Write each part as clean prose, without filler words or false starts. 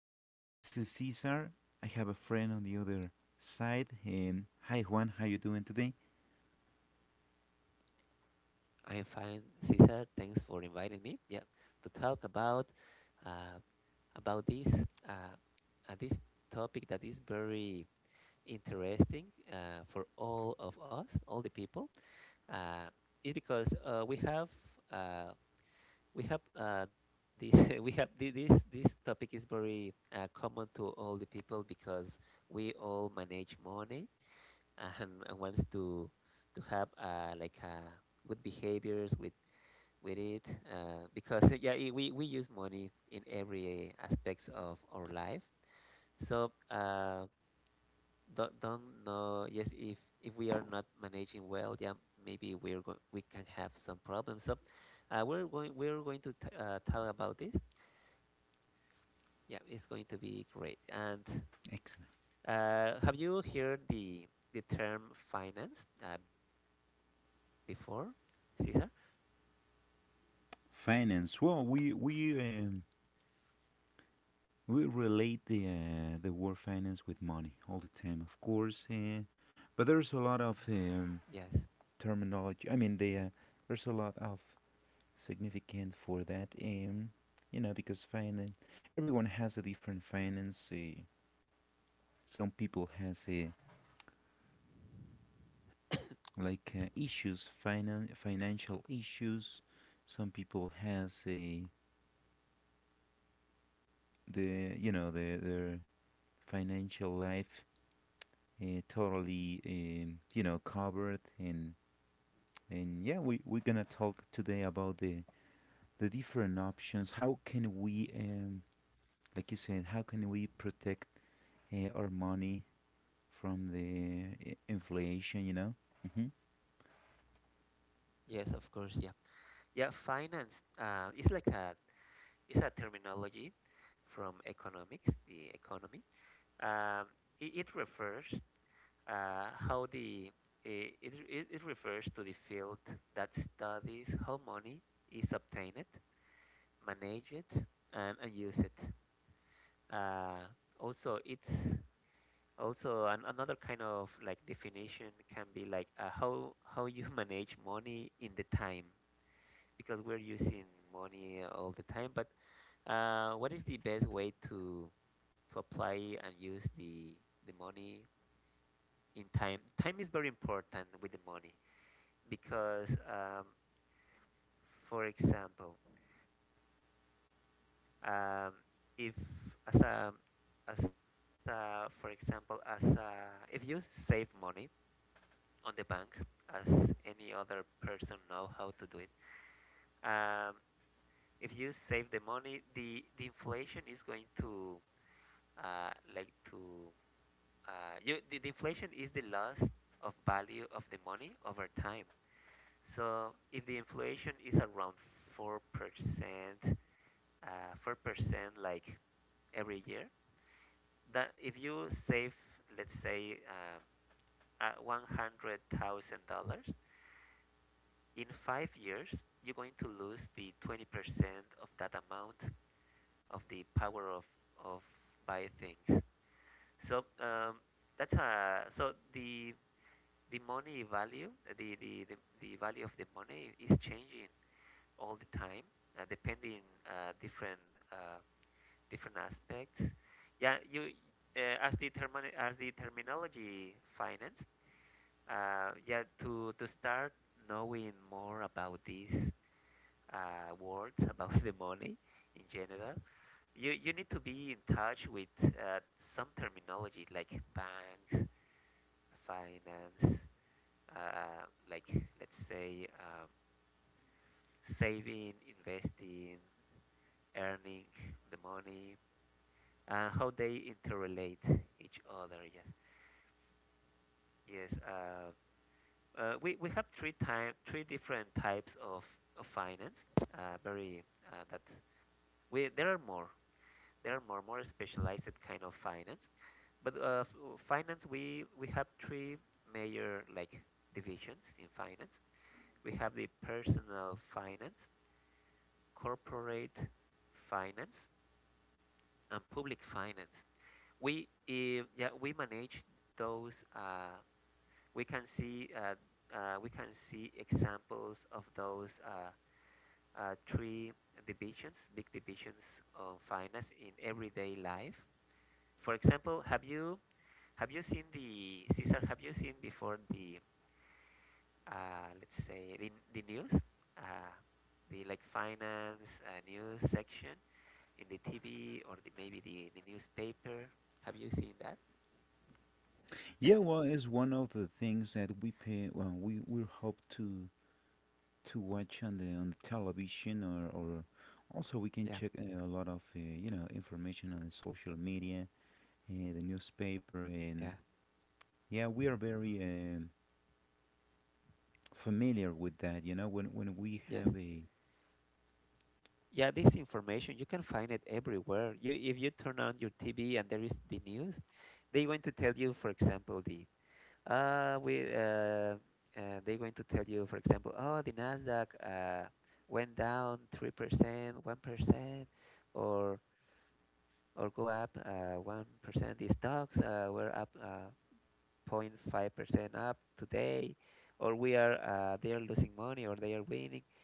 And this is Cesar. I have a friend on the other side. And hi Juan, how you doing today? I am fine, Cesar. Thanks for inviting me. Yeah, to talk uh, about this uh, this topic that is very interesting for all of us, all the people. Uh, is because we have uh, this we have this topic is very common to all the people because we all manage money and wants to have good behaviors with it, because yeah, I we use money in every aspects of our life, so don't know. Yes, if we are not managing well, yeah, maybe we can have some problems. So we're going to talk about this. Yeah, it's going to be great. And Excellent. Have you heard the term finance before, Cesar? Finance. Well, we relate the word finance with money all the time, of course. But there's a lot of Yes, terminology. I mean, there's a lot of significant for that. Because finance, everyone has a different finance. Some people has a issues financial issues. Some people has a the you know the their financial life totally covered. And yeah, we're gonna talk today about the different options. How can we um like you said, how can we protect our money from the inflation hmm yes, of course. Yeah, yeah, finance, it's like a is a terminology from economics, the economy. Um, it, it refers uh, how the it refers to the field that studies how money is obtained, managed, and used. Uh, also, it's also another kind of like definition. Can be like how you manage money in the time, because we're using money all the time. But what is the best way to apply and use the money in time. Time is very important with the money, because, for example, um, if as a as a for example as a if you save money on the bank, as any other person know how to do it. Um, if you save the money, the inflation is going to uh, like to uh, you, the inflation is the loss of value of the money over time. So if the inflation is around 4%, uh, 4% like every year, that if you save, let's say, um, uh, $100,000, in 5 years, you're going to lose the 20% of that amount, of the power of buy things. So that's so the money value, the value of the money is changing all the time, depending uh, different uh, different aspects. Yeah, you as the terminology finance. Yeah, to start knowing more about these words about the money in general, you need to be in touch with some terminology like banks, finance, uh, like let's say, saving, investing, earning the money, and how they interrelate each other. Yes, yes. We have three different types of finance. Very that we there are more. There are more specialized kind of finance, but finance, we have three major like divisions in finance. We have the personal finance, corporate finance and public finance. We eh, yeah, we manage those. We can see uh, we can see examples of those three divisions, big divisions of finance in everyday life. For example, have you seen the Caesar? Have you seen before the, let's say, the news? Uh, the like finance news section in the TV, or the, maybe the newspaper. Have you seen that? Yeah, well, it's one of the things that we pay. Well, we hope to watch on the television, or also we can Yeah. check a lot of information on the social media, the newspaper. Yeah. And yeah, we are very familiar with that. You know, when we have Yes. a, Yeah, this information you can find it everywhere. You if you turn on your TV and there is the news, they going to tell you, for example, uh we uh, they going to tell you, for example, oh, the Nasdaq went down 3%, 1%, or or go up 1%. The stocks were up 0.5% up today, or we are they are losing money or they are winning,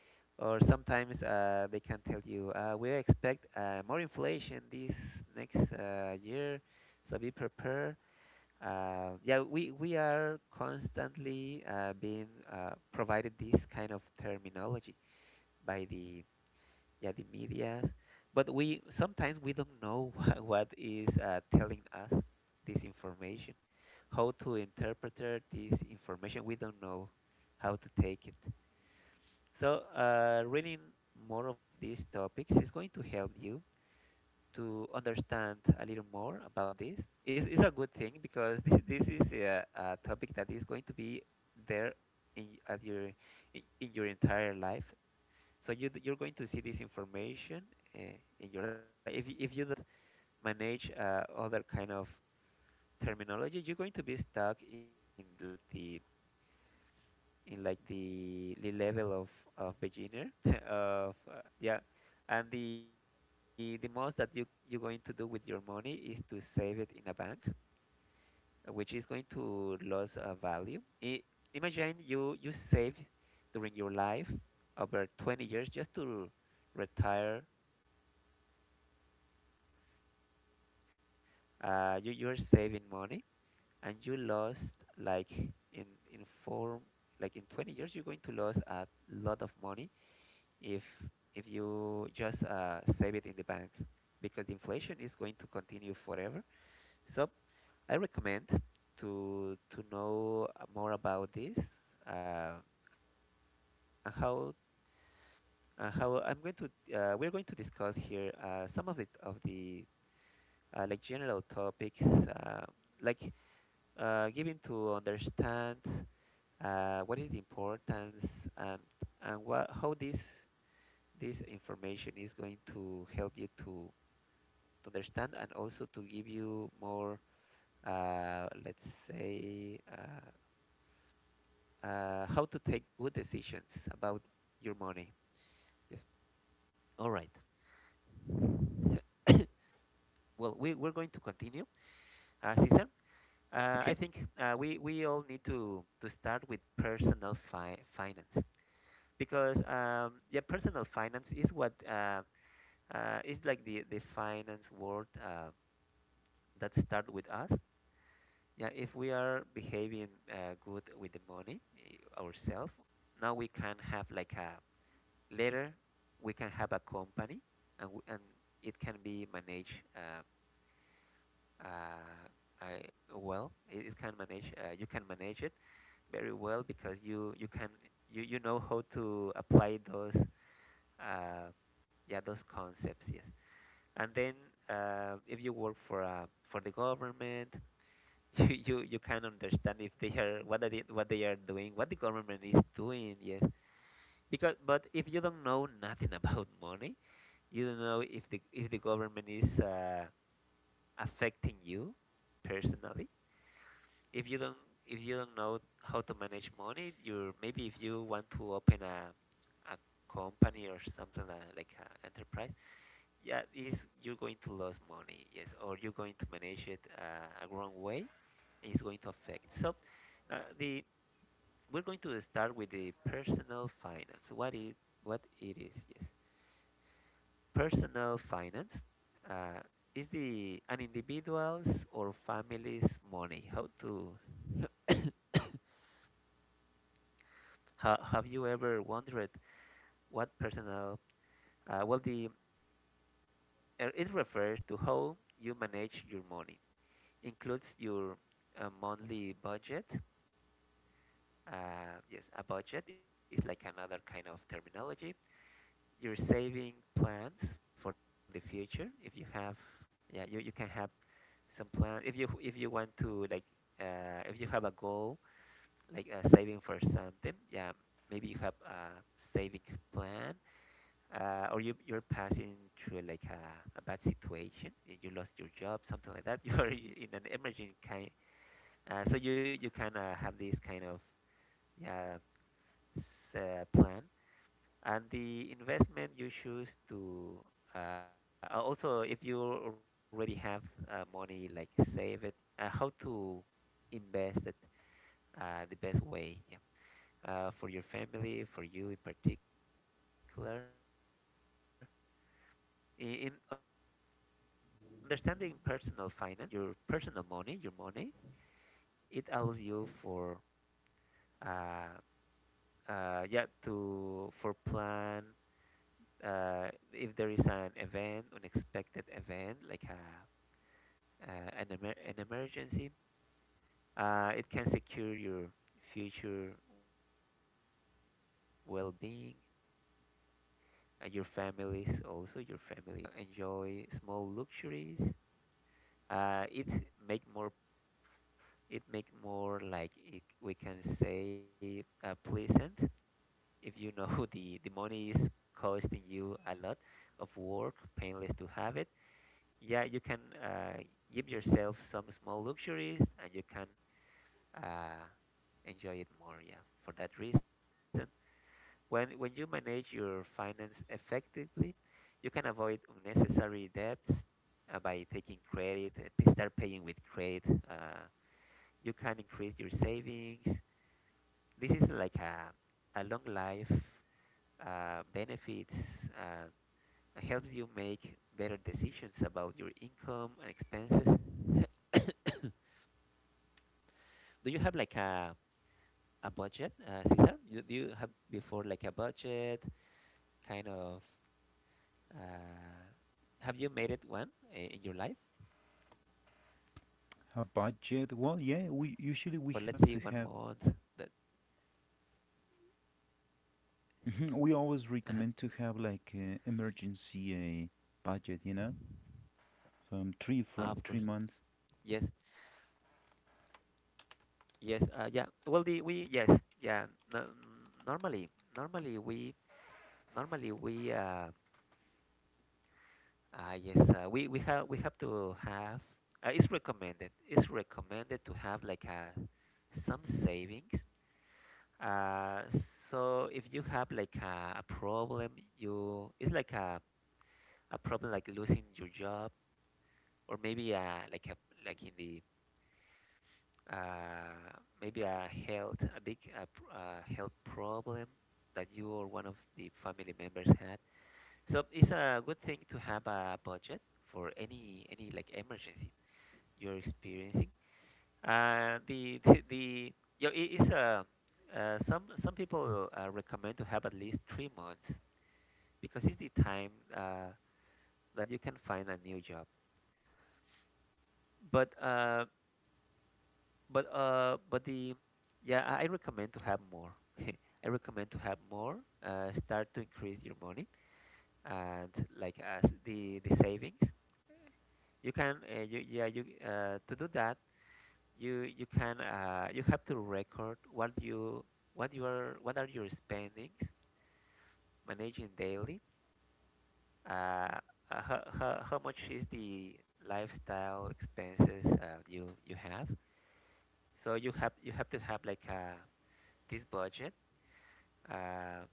or sometimes they can tell you, we expect more inflation this next year, so be prepared. Yeah, we are constantly being provided this kind of terminology by the, yeah, the medias, but we sometimes we don't know what is telling us this information, how to interpret this information. We don't know how to take it. So reading more of these topics is going to help you to understand a little more about this. It's a good thing, because this is a topic that is going to be there, at your in your entire life, so you're going to see this information uh, in your life. If you don't manage other kind of terminology, you're going to be stuck in like the level of beginner of yeah. And the most that you're going to do with your money is to save it in a bank, which is going to lose a value. I, imagine you you save during your life over 20 years just to retire. You you're saving money and you lost like in in four like in 20 years. You're going to lose a lot of money if if you just save it in the bank, because the inflation is going to continue forever. So I recommend to know more about this, uh, and how and how I'm going to we're going to discuss here some of the like general topics, like given to understand what is the importance, and and what how this this information is going to help you to understand, and also to give you more, let's say, how to take good decisions about your money. Yes. All right. Well, we're going to continue, Cesar. Okay, I think we all need to start with personal finance. Because yeah, personal finance is what, is like the finance word that start with us. Yeah, if we are behaving good with the money ourselves, now we can have like a, later we can have a company, and and it can be managed. Uh, I, well, it, it can manage. You can manage it very well, because you can you know how to apply those uh, yeah, those concepts. Yes, and then if you work for the government, you you can understand if they are what they are doing, what the government is doing. Yes, because but if you don't know nothing about money, you don't know if the government is affecting you personally. If you don't, if you don't know how to manage money, you, maybe if you want to open a company or something like an enterprise, yeah, is you're going to lose money, yes, or you're going to manage it a wrong way, and it's going to affect. So, the we're going to start with the personal finance. What it is, yes, personal finance, uh, is the an individual's or family's money. How to how have you ever wondered what personal? Well, the it refers to how you manage your money. Includes your monthly budget. Yes, a budget is like another kind of terminology. Your saving plans for the future. If you have, yeah, you can have some plan. If you want to like, if you have a goal like saving for something. Yeah, maybe you have a saving plan, or you're passing through like a bad situation. You lost your job, something like that. You are in an emerging kind. So you can have this kind of, yeah, plan. And the investment you choose to also if you already have money like save it, how to invest it the best way. Yeah, for your family, for you in particular, in understanding personal finance is important, because it helps you control your personal money, your money. It allows you for uh, yeah, to for plan if there is an event, unexpected event, like a, an emergency. It can secure your future well-being, your families also, your family's well-being. And also you can enjoy small luxuries. Uh, it make more, it make more like it, we can say, pleasant. If you know the money is costing you a lot of work, painless to have it. Yeah, you can give yourself some small luxuries and you can uh, enjoy it more. Yeah, for that reason, when you manage your finance effectively, you can avoid unnecessary debts by taking credit, start paying with credit. Uh, you can increase your savings. This is like a long life benefits. Uh, Helps you make better decisions about your income and expenses. Do you have like a budget, Cesar? Do you have before like a budget kind of? Uh, have you made it one in your life a budget, for well, let's say yeah, one we month? usually we That have to have. uh Mhm, we always recommend to have emergency budget. You know, from of course, three for 3 months. yes, yes, yeah. Well, the we yes, yeah. No, normally, normally we normally we yes, we have to have. It's recommended to have like a some savings. Uh, so if you have like a problem, you it's like a problem like losing your job, or maybe like a like in the uh, maybe a health a big health problem that you or one of the family members had. So it's a good thing to have a budget for any like emergency you're experiencing. The the yeah, it is a some people recommend to have at least 3 months because it's the time that you can find a new job. But uh, but the yeah, I recommend to have more. I recommend to have more. Start to increase your money and like as the savings. You can yeah, you to do that you can you have to record what are your spendings managing daily. Uh, uh, how much is the lifestyle expenses you you have? So you have to have like this budget. Uh,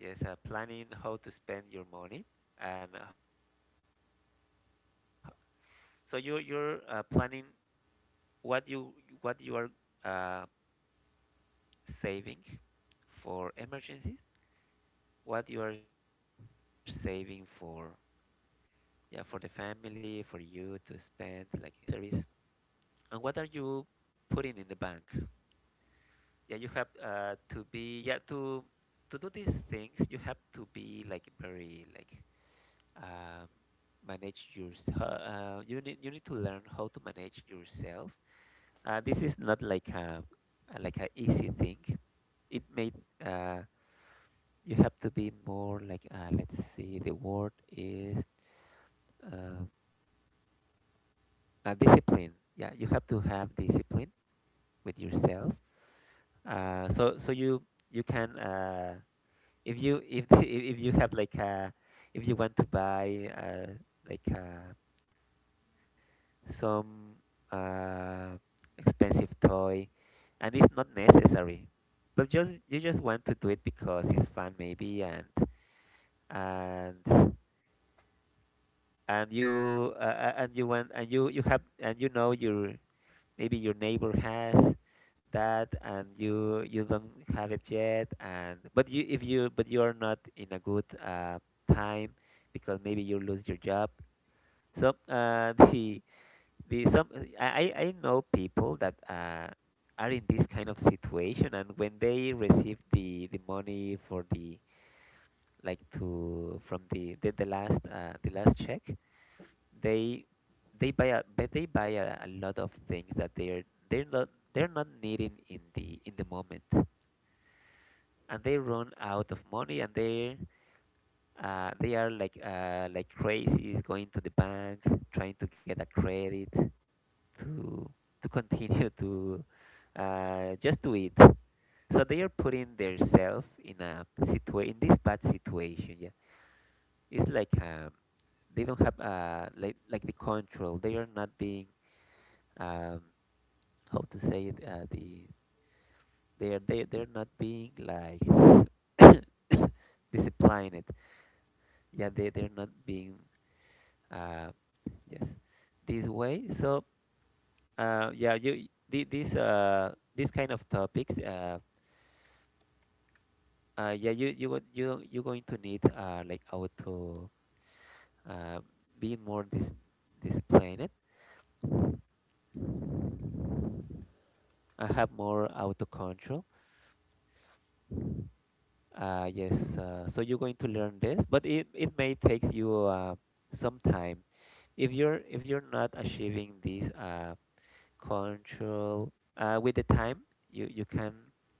yes, planning how to spend your money, and so you're planning what you what you are uh, saving for emergencies, what you are saving for, yeah, for the family, for you to spend like in food, all that, and groceries. And what are you putting in the bank? Yeah, you have to be, yeah, to do these things. You have to be like very like um, manage yourself. You need to learn how to manage yourself. This is not like like a easy thing. It made uh, you have to be more like let's see, the word is uh, a discipline. Yeah, you have to have discipline with yourself. So you you can if you if if you have like if you want to buy like some uh, expensive toy and it's not necessary, but just you just want to do it because it's fun maybe, and and you want and you have and you know your, maybe your neighbor has that and you don't have it yet, and but you if you but you are not in a good time because maybe you lose your job. So the some, I know people that are in this kind of situation, and when they receive the money for the like to from the last check, they they buy a but they buy a lot of things that they're not they're not needing in the moment, and they run out of money, and they are like crazy going to the bank, trying to get a credit to to continue to just to eat. So they are putting themselves in a in this bad situation, yeah. It's like they don't have like the control. They are not being um, how to say it, they're not being like disciplined. Yeah, they're not being uh yes this way. So yeah, you these kind of topics, yeah, you you're going to need like auto, uh being more disciplined, and have more auto control. Yes, so you're going to learn this, but it may take you some time. If you're if you're not achieving these control with the time, you you can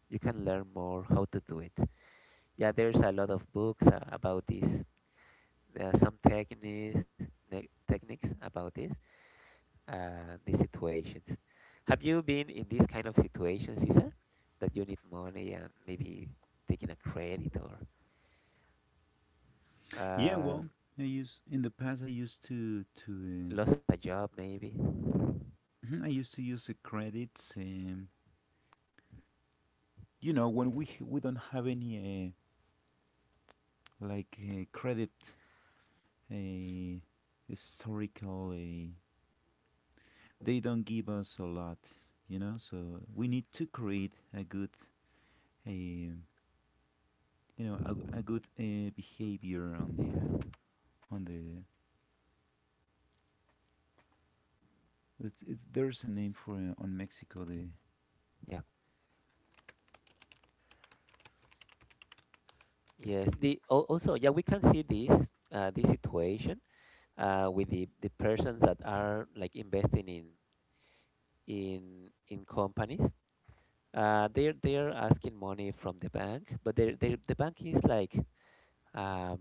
you can learn more how to do it. Yeah, there's a lot of books about this. There are some techniques, techniques about this, these situations. Have you been in this kind of situations, Cesar, that you need money, and maybe taking a credit or Yeah, well, um, I use in the past I used lost a job maybe? to I used to use credits. When we don't have any credit uh, historical, they don't give us a lot. You know, so we need to create a good uh, you a good behavior on the it's Yeah, there's a name for on Mexico the. yes, the also, yeah, we can see this this situation with the persons that are like investing in in companies. They're asking money from the bank, but they the bank is like um,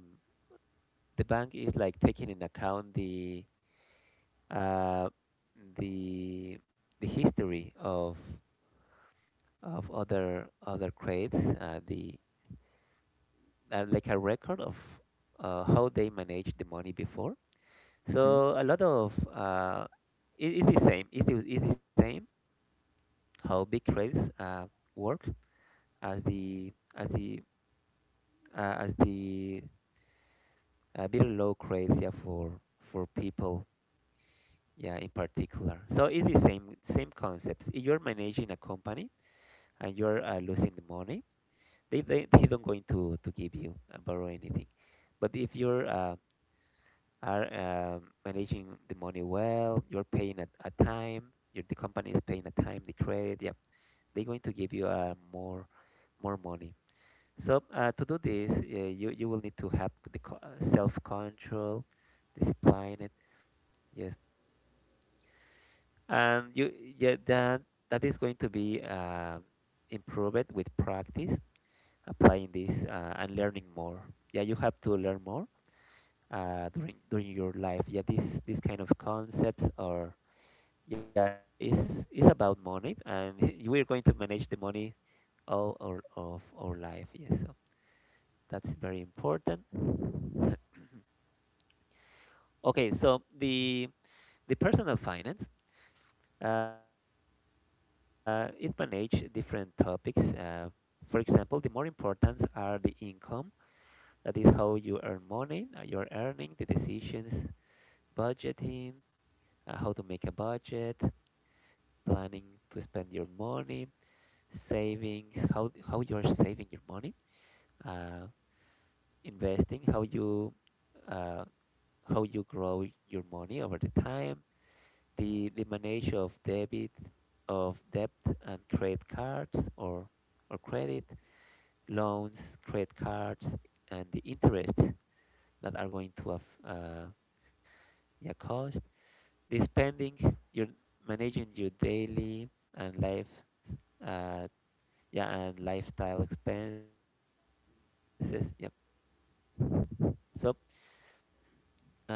the bank is like taking in account the uh, the the history of other credits, the like a record of how they managed the money before. Mhm. So a lot of it's the same. It's the same how big credits work as the uh, as the very low credits, yeah, for people, yeah, in particular. So it's the same same concepts. If you're managing a company and you're losing the money, they don't going to give you borrow anything. But if you're are managing the money well, you're paying at a time your the company is paying a time the credit, yeah, they're going to give you more more money. So to do this, you you will need to have the self-control, discipline it. Yes, and you yeah, that is going to be improved with practice, applying this and learning more. Yeah, you have to learn more during your life. Yeah, this kind of concepts are, yeah, is about money, and we're going to manage the money all our of our life. Yes, so that's very important. Okay, so the personal finance it manage different topics. For example, the more important are the income, that is how you earn money, your earning, the decisions, budgeting, how to make a budget, planning to spend your money, savings, how you are saving your money, uh, investing, uh, how you grow your money over the time, the manage of debt and credit cards or credit, loans, credit cards, and the interest that are going to have yeah, cost. This spending, you're managing your daily and life uh, yeah, and lifestyle expenses. Yep. So uh, we can talk about this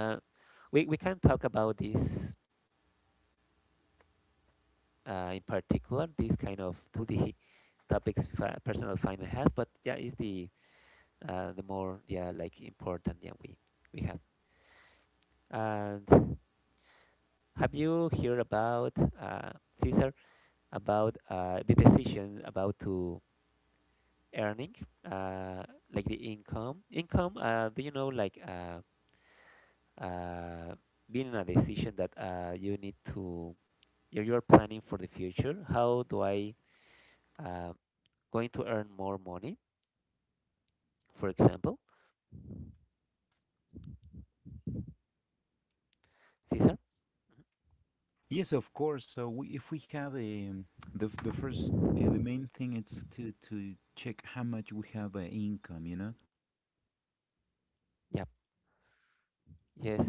in particular, these kind of topics in particular that are very related. It's not the all the topics personal finance has, but yeah, it's the more, yeah, like important, yeah, we have. And have you heard about uh, Caesar, about the decision about to earning uh, like the income do you know like uh, being a decision that you need to you're planning for the future how do I uh, going to earn more money, for example, Caesar? Yes, of course. So if we have a the f- the first the main thing is to check how much we have income, you know, yeah yes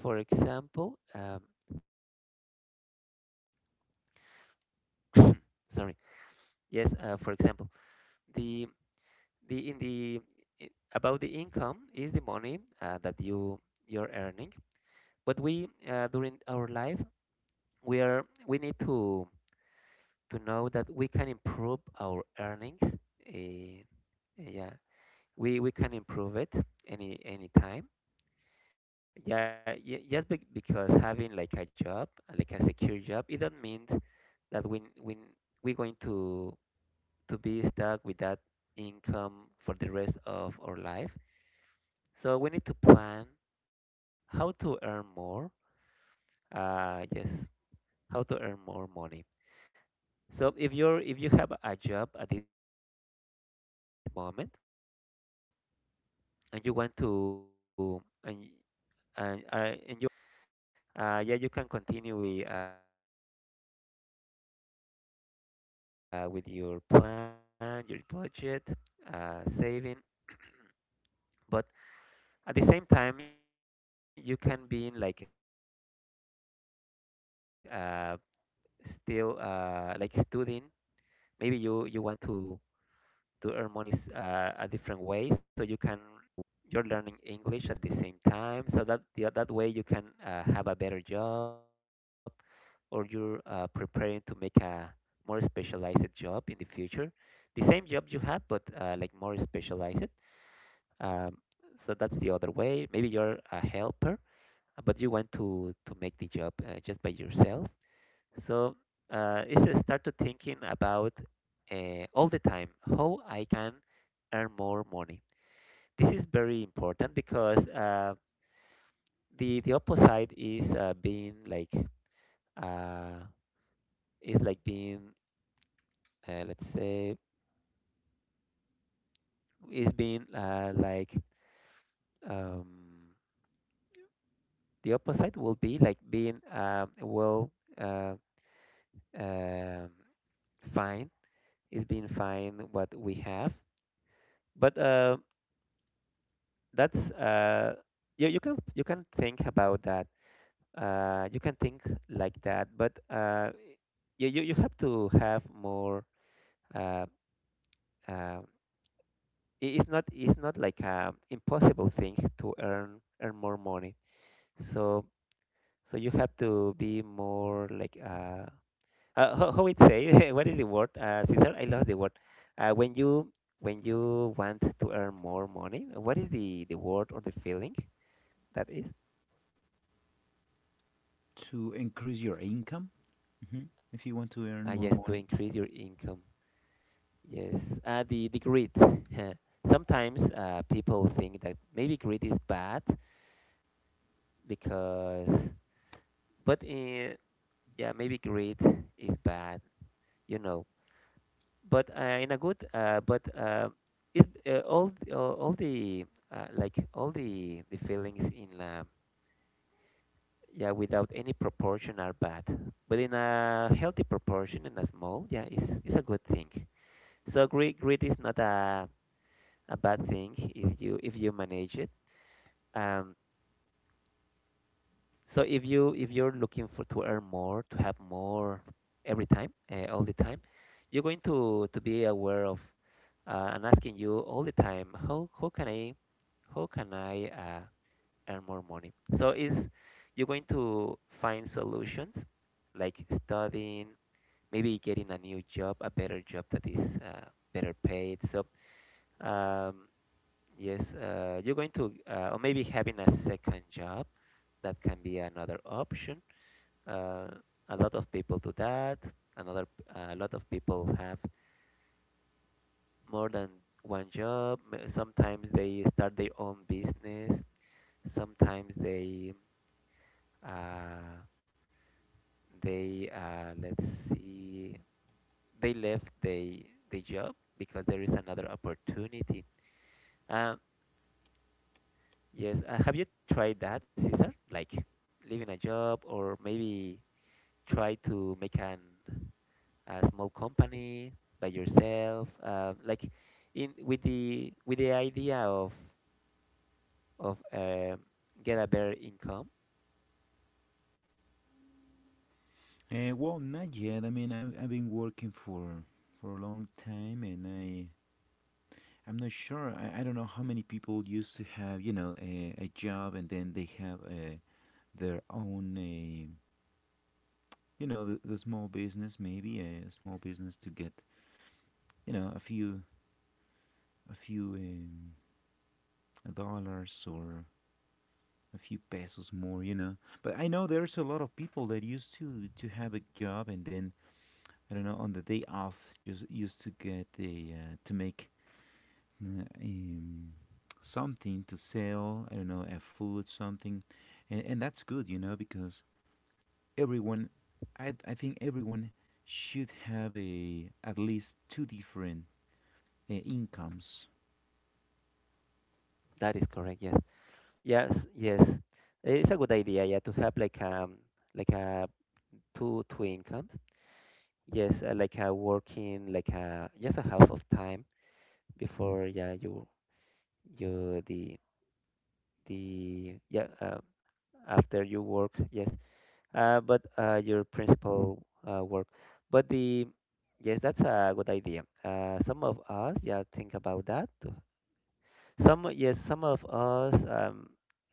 For example, sorry. Yes, for example, the the in the I- about the income is the money that you're earning, but we during our life, we need to know that we can improve our earnings. Yeah, we can improve it any time. Yeah, just be because having like a job, like a secure job, it doesn't mean that we're going to be stuck with that income for the rest of our life. So we need to plan how to earn more. Yes, how to earn more money. So if you have a job at this moment and you want to and, uh, and you are earning at this moment some money, yeah, you can yeah, you can continue with your plan, your budget, saving. But at the same time, you can be in like still like studying. Maybe you you want to earn money is a different way. So you can study to, for example, you're learning English at the same time, so that that way you can have a better job, or you're preparing to make a more specialized job in the future. The same job you have, but like more specialized. Um, so that's the other way. Maybe you're a helper, but you want to make the job just by yourself. So it's a start to thinking about all the time how I can earn more money. This is very important because the opposite is, being like, uh, is like being, let's say, is being, like, um, the opposite will be like being, well, uh, um fine, is being fine what we have. But that's, you can think about that. You can think like that, but you have to have more. uh, um it's not like a impossible thing to earn more money. So, you have to be more like, how it say what is the word, Cesar? I lost the word. uh when you when you want to earn more money, what is the word or the feeling that is. to increase your income hmm if you want to earn more Yes, to money. increase your income. Yes, the greed. Sometimes people think that maybe greed is bad, because, but in, yeah, maybe greed is bad, you know. But in a good, but is, all, all the, like all the feelings in, yeah, without any proportion are bad. But in a healthy proportion and a small, yeah, is a good thing. So greed is not a bad thing, is you, if you manage it. Um, so if you're looking for to earn more, to have more every time, all the time, you're going to be aware of, and asking you all the time, how how can I, earn more money? So is, you're going to find solutions, like studying, maybe getting a new job, a better job that is better paid. So um, yes, you're going to, or maybe having a second job, that can be another option. Uh, a lot of people do that. Another, a lot of people have more than one job. Sometimes they start their own business. Sometimes they, uh, let's see, they left the job because there is another opportunity. Uh, yes, have you tried that, Cesar? Like leaving a job, or maybe try to make an a small company by yourself, like in with the idea of of um get a better income. Well, not yet. I mean, I've been working for a long time, and I'm not sure. I don't know how many people used to have a job, and then they have their own the small business, maybe a small business to get a few a few um, dollars or a few pesos more. But I know there's a lot of people that used to have a job, and then, I don't know, on the day off just used to get a to make uh, um, something to sell. I don't know, a food, something. And that's good, you know, because everyone, I think everyone should have a at least two different incomes. That is correct, yes. Yes, yes, it's a good idea, yeah, to have like, like a, two incomes. Yes, like a working, like a just a half of time before, yeah, you, the, yeah, after you work. Yes, but your principal work. But the, yes, that's a good idea. Some of us, yeah, think about that too. Some, yes, some of us, um,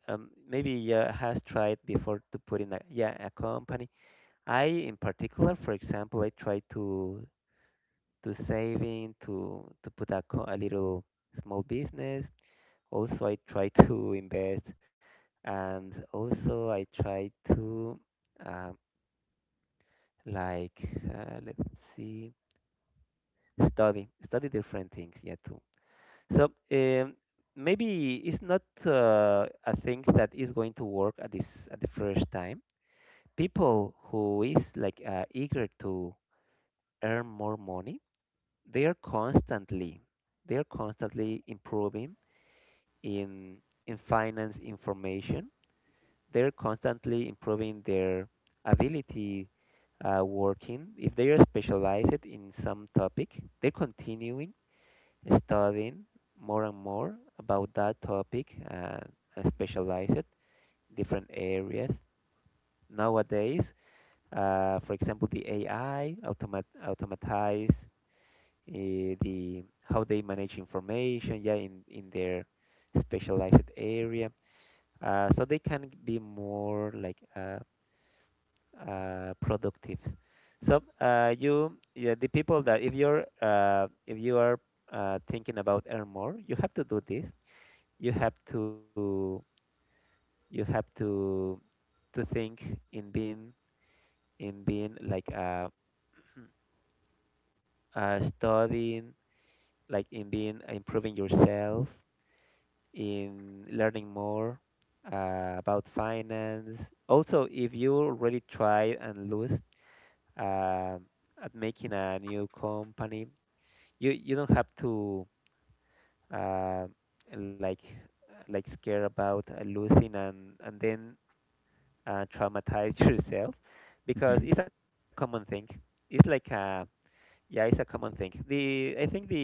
um, maybe, yeah, has tried before to put in a, yeah, a company. I In particular, for example, I try to, saving, to put a, a little small business. Also, I try to invest, and also I try to. Um, like, let's see, study different things, yeah, too. So maybe it's not a thing that is going to work at this at the first time. People who is like, eager to earn more money, they are constantly, improving in finance information. They're constantly improving their ability, working. If they are specialized in some topic, they're continuing studying more and more about that topic, and specialized different areas. Nowadays, for example, the AI automatize, the how they manage information, yeah, in their specialized area. So they can be more like, productive. So you, yeah, the people that, if you're, if you are, thinking about earn more, you have to do this. You have to, you have to think in being, like, studying, like in being, improving yourself, in learning more, about finance. Also, if you already try and lose, um at making a new company, you don't have to, uh, like, scare about, losing, and then, traumatize yourself, because Mm-hmm. it's a common thing. It's like a, yeah, it's a common thing. The I think the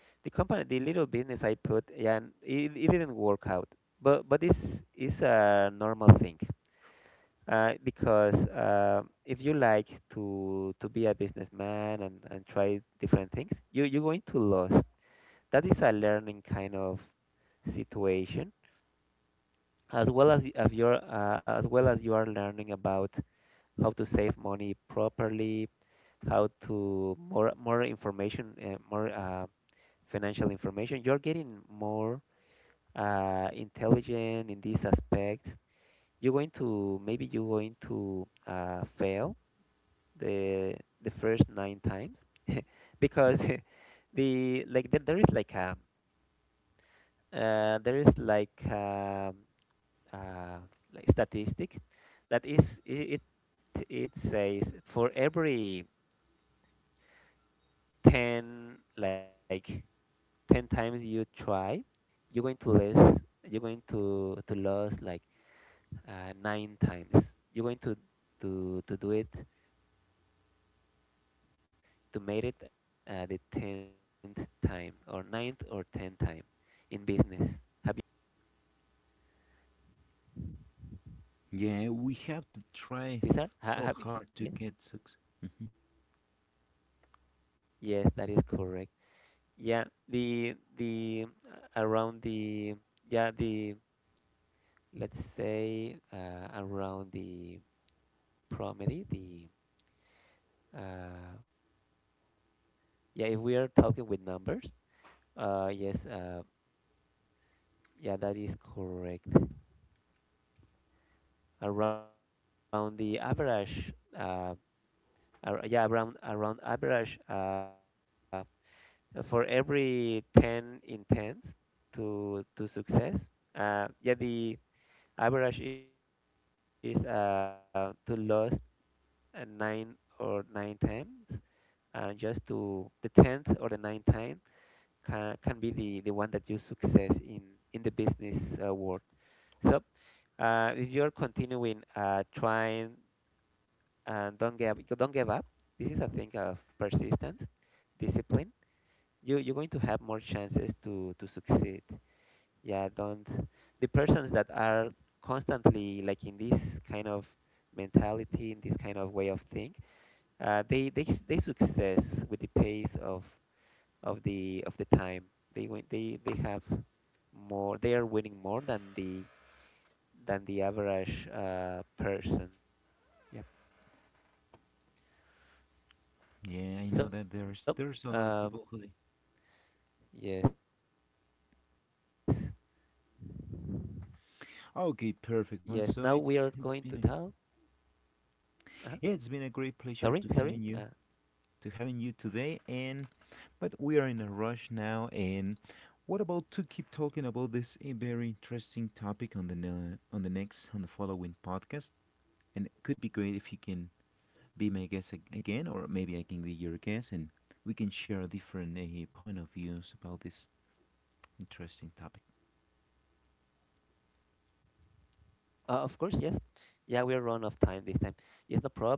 the company, the little business I put, yeah, and, it didn't work out. But this is a normal thing. Because, if you like to be a businessman, and, try different things, you're going to lose. That is a learning kind of situation. As well as, if you're, as well as you are learning about how to save money properly, how to more, information, more, financial information, you're getting more, intelligent in these aspects. You're going to, maybe you're going to, fail the the first nine times. Because the like there is like a, there is like, uh, like, statistic that is, it says, for every 10, like 10 times you try, you're going to lose, you're going to lose like, nine times. You're going to to do it, to make it, the 10th time, or ninth, or 10th time in business. Have you heard about that, caesar Yeah, we have to try caesar so hard to yes, get success. Mhm. yes, that is correct. Yeah, the, around the, yeah, the, let's say, around the property, the, uh, yeah, if we are talking with numbers, yes, yeah, that is correct, around the average, uh, ar yeah, around, average, for every 10 intents to success, yeah, the average is, to lose, nine or nine times, and just to the 10th or the ninth time can, be the, one that you success in the business, world. So if you're continuing, trying, and don't give up. This is a thing of persistence, discipline. You're going to have more chances to succeed. Yeah, don't. The persons that are constantly like in this kind of mentality, in this kind of way of think, they they success with the pace of the of the time. They win, they have more, they are winning more than the, average person. Yep. Yeah, I know that there's a lot of people So, who. They. um yes. Okay, Yep. perfect one. So Yes, now we it's are been a going great to pleasure tell. to having you to uh having you today. And Sorry, sorry, but we are in a rush now. And what about to keep talking about this a very interesting topic on the ne- on the next on the following podcast? And it could be great if you can be my guest again, or maybe I can be your guest, and we can share different point of views about this interesting topic. Of course, yes.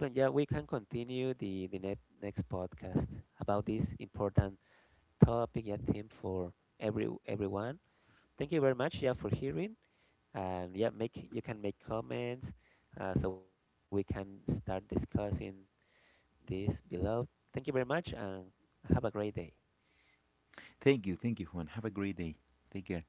Yeah, we're run of time this time. Yes, no problem, yeah, we can continue the next podcast about this important topic, yeah, theme for everyone. Thank you very much, yeah, for hearing. And yeah, make you can make comments, so we can start discussing this below. Thank you very much, and Thank you. Thank you, have a Juan. Have great a day. great day. Take care.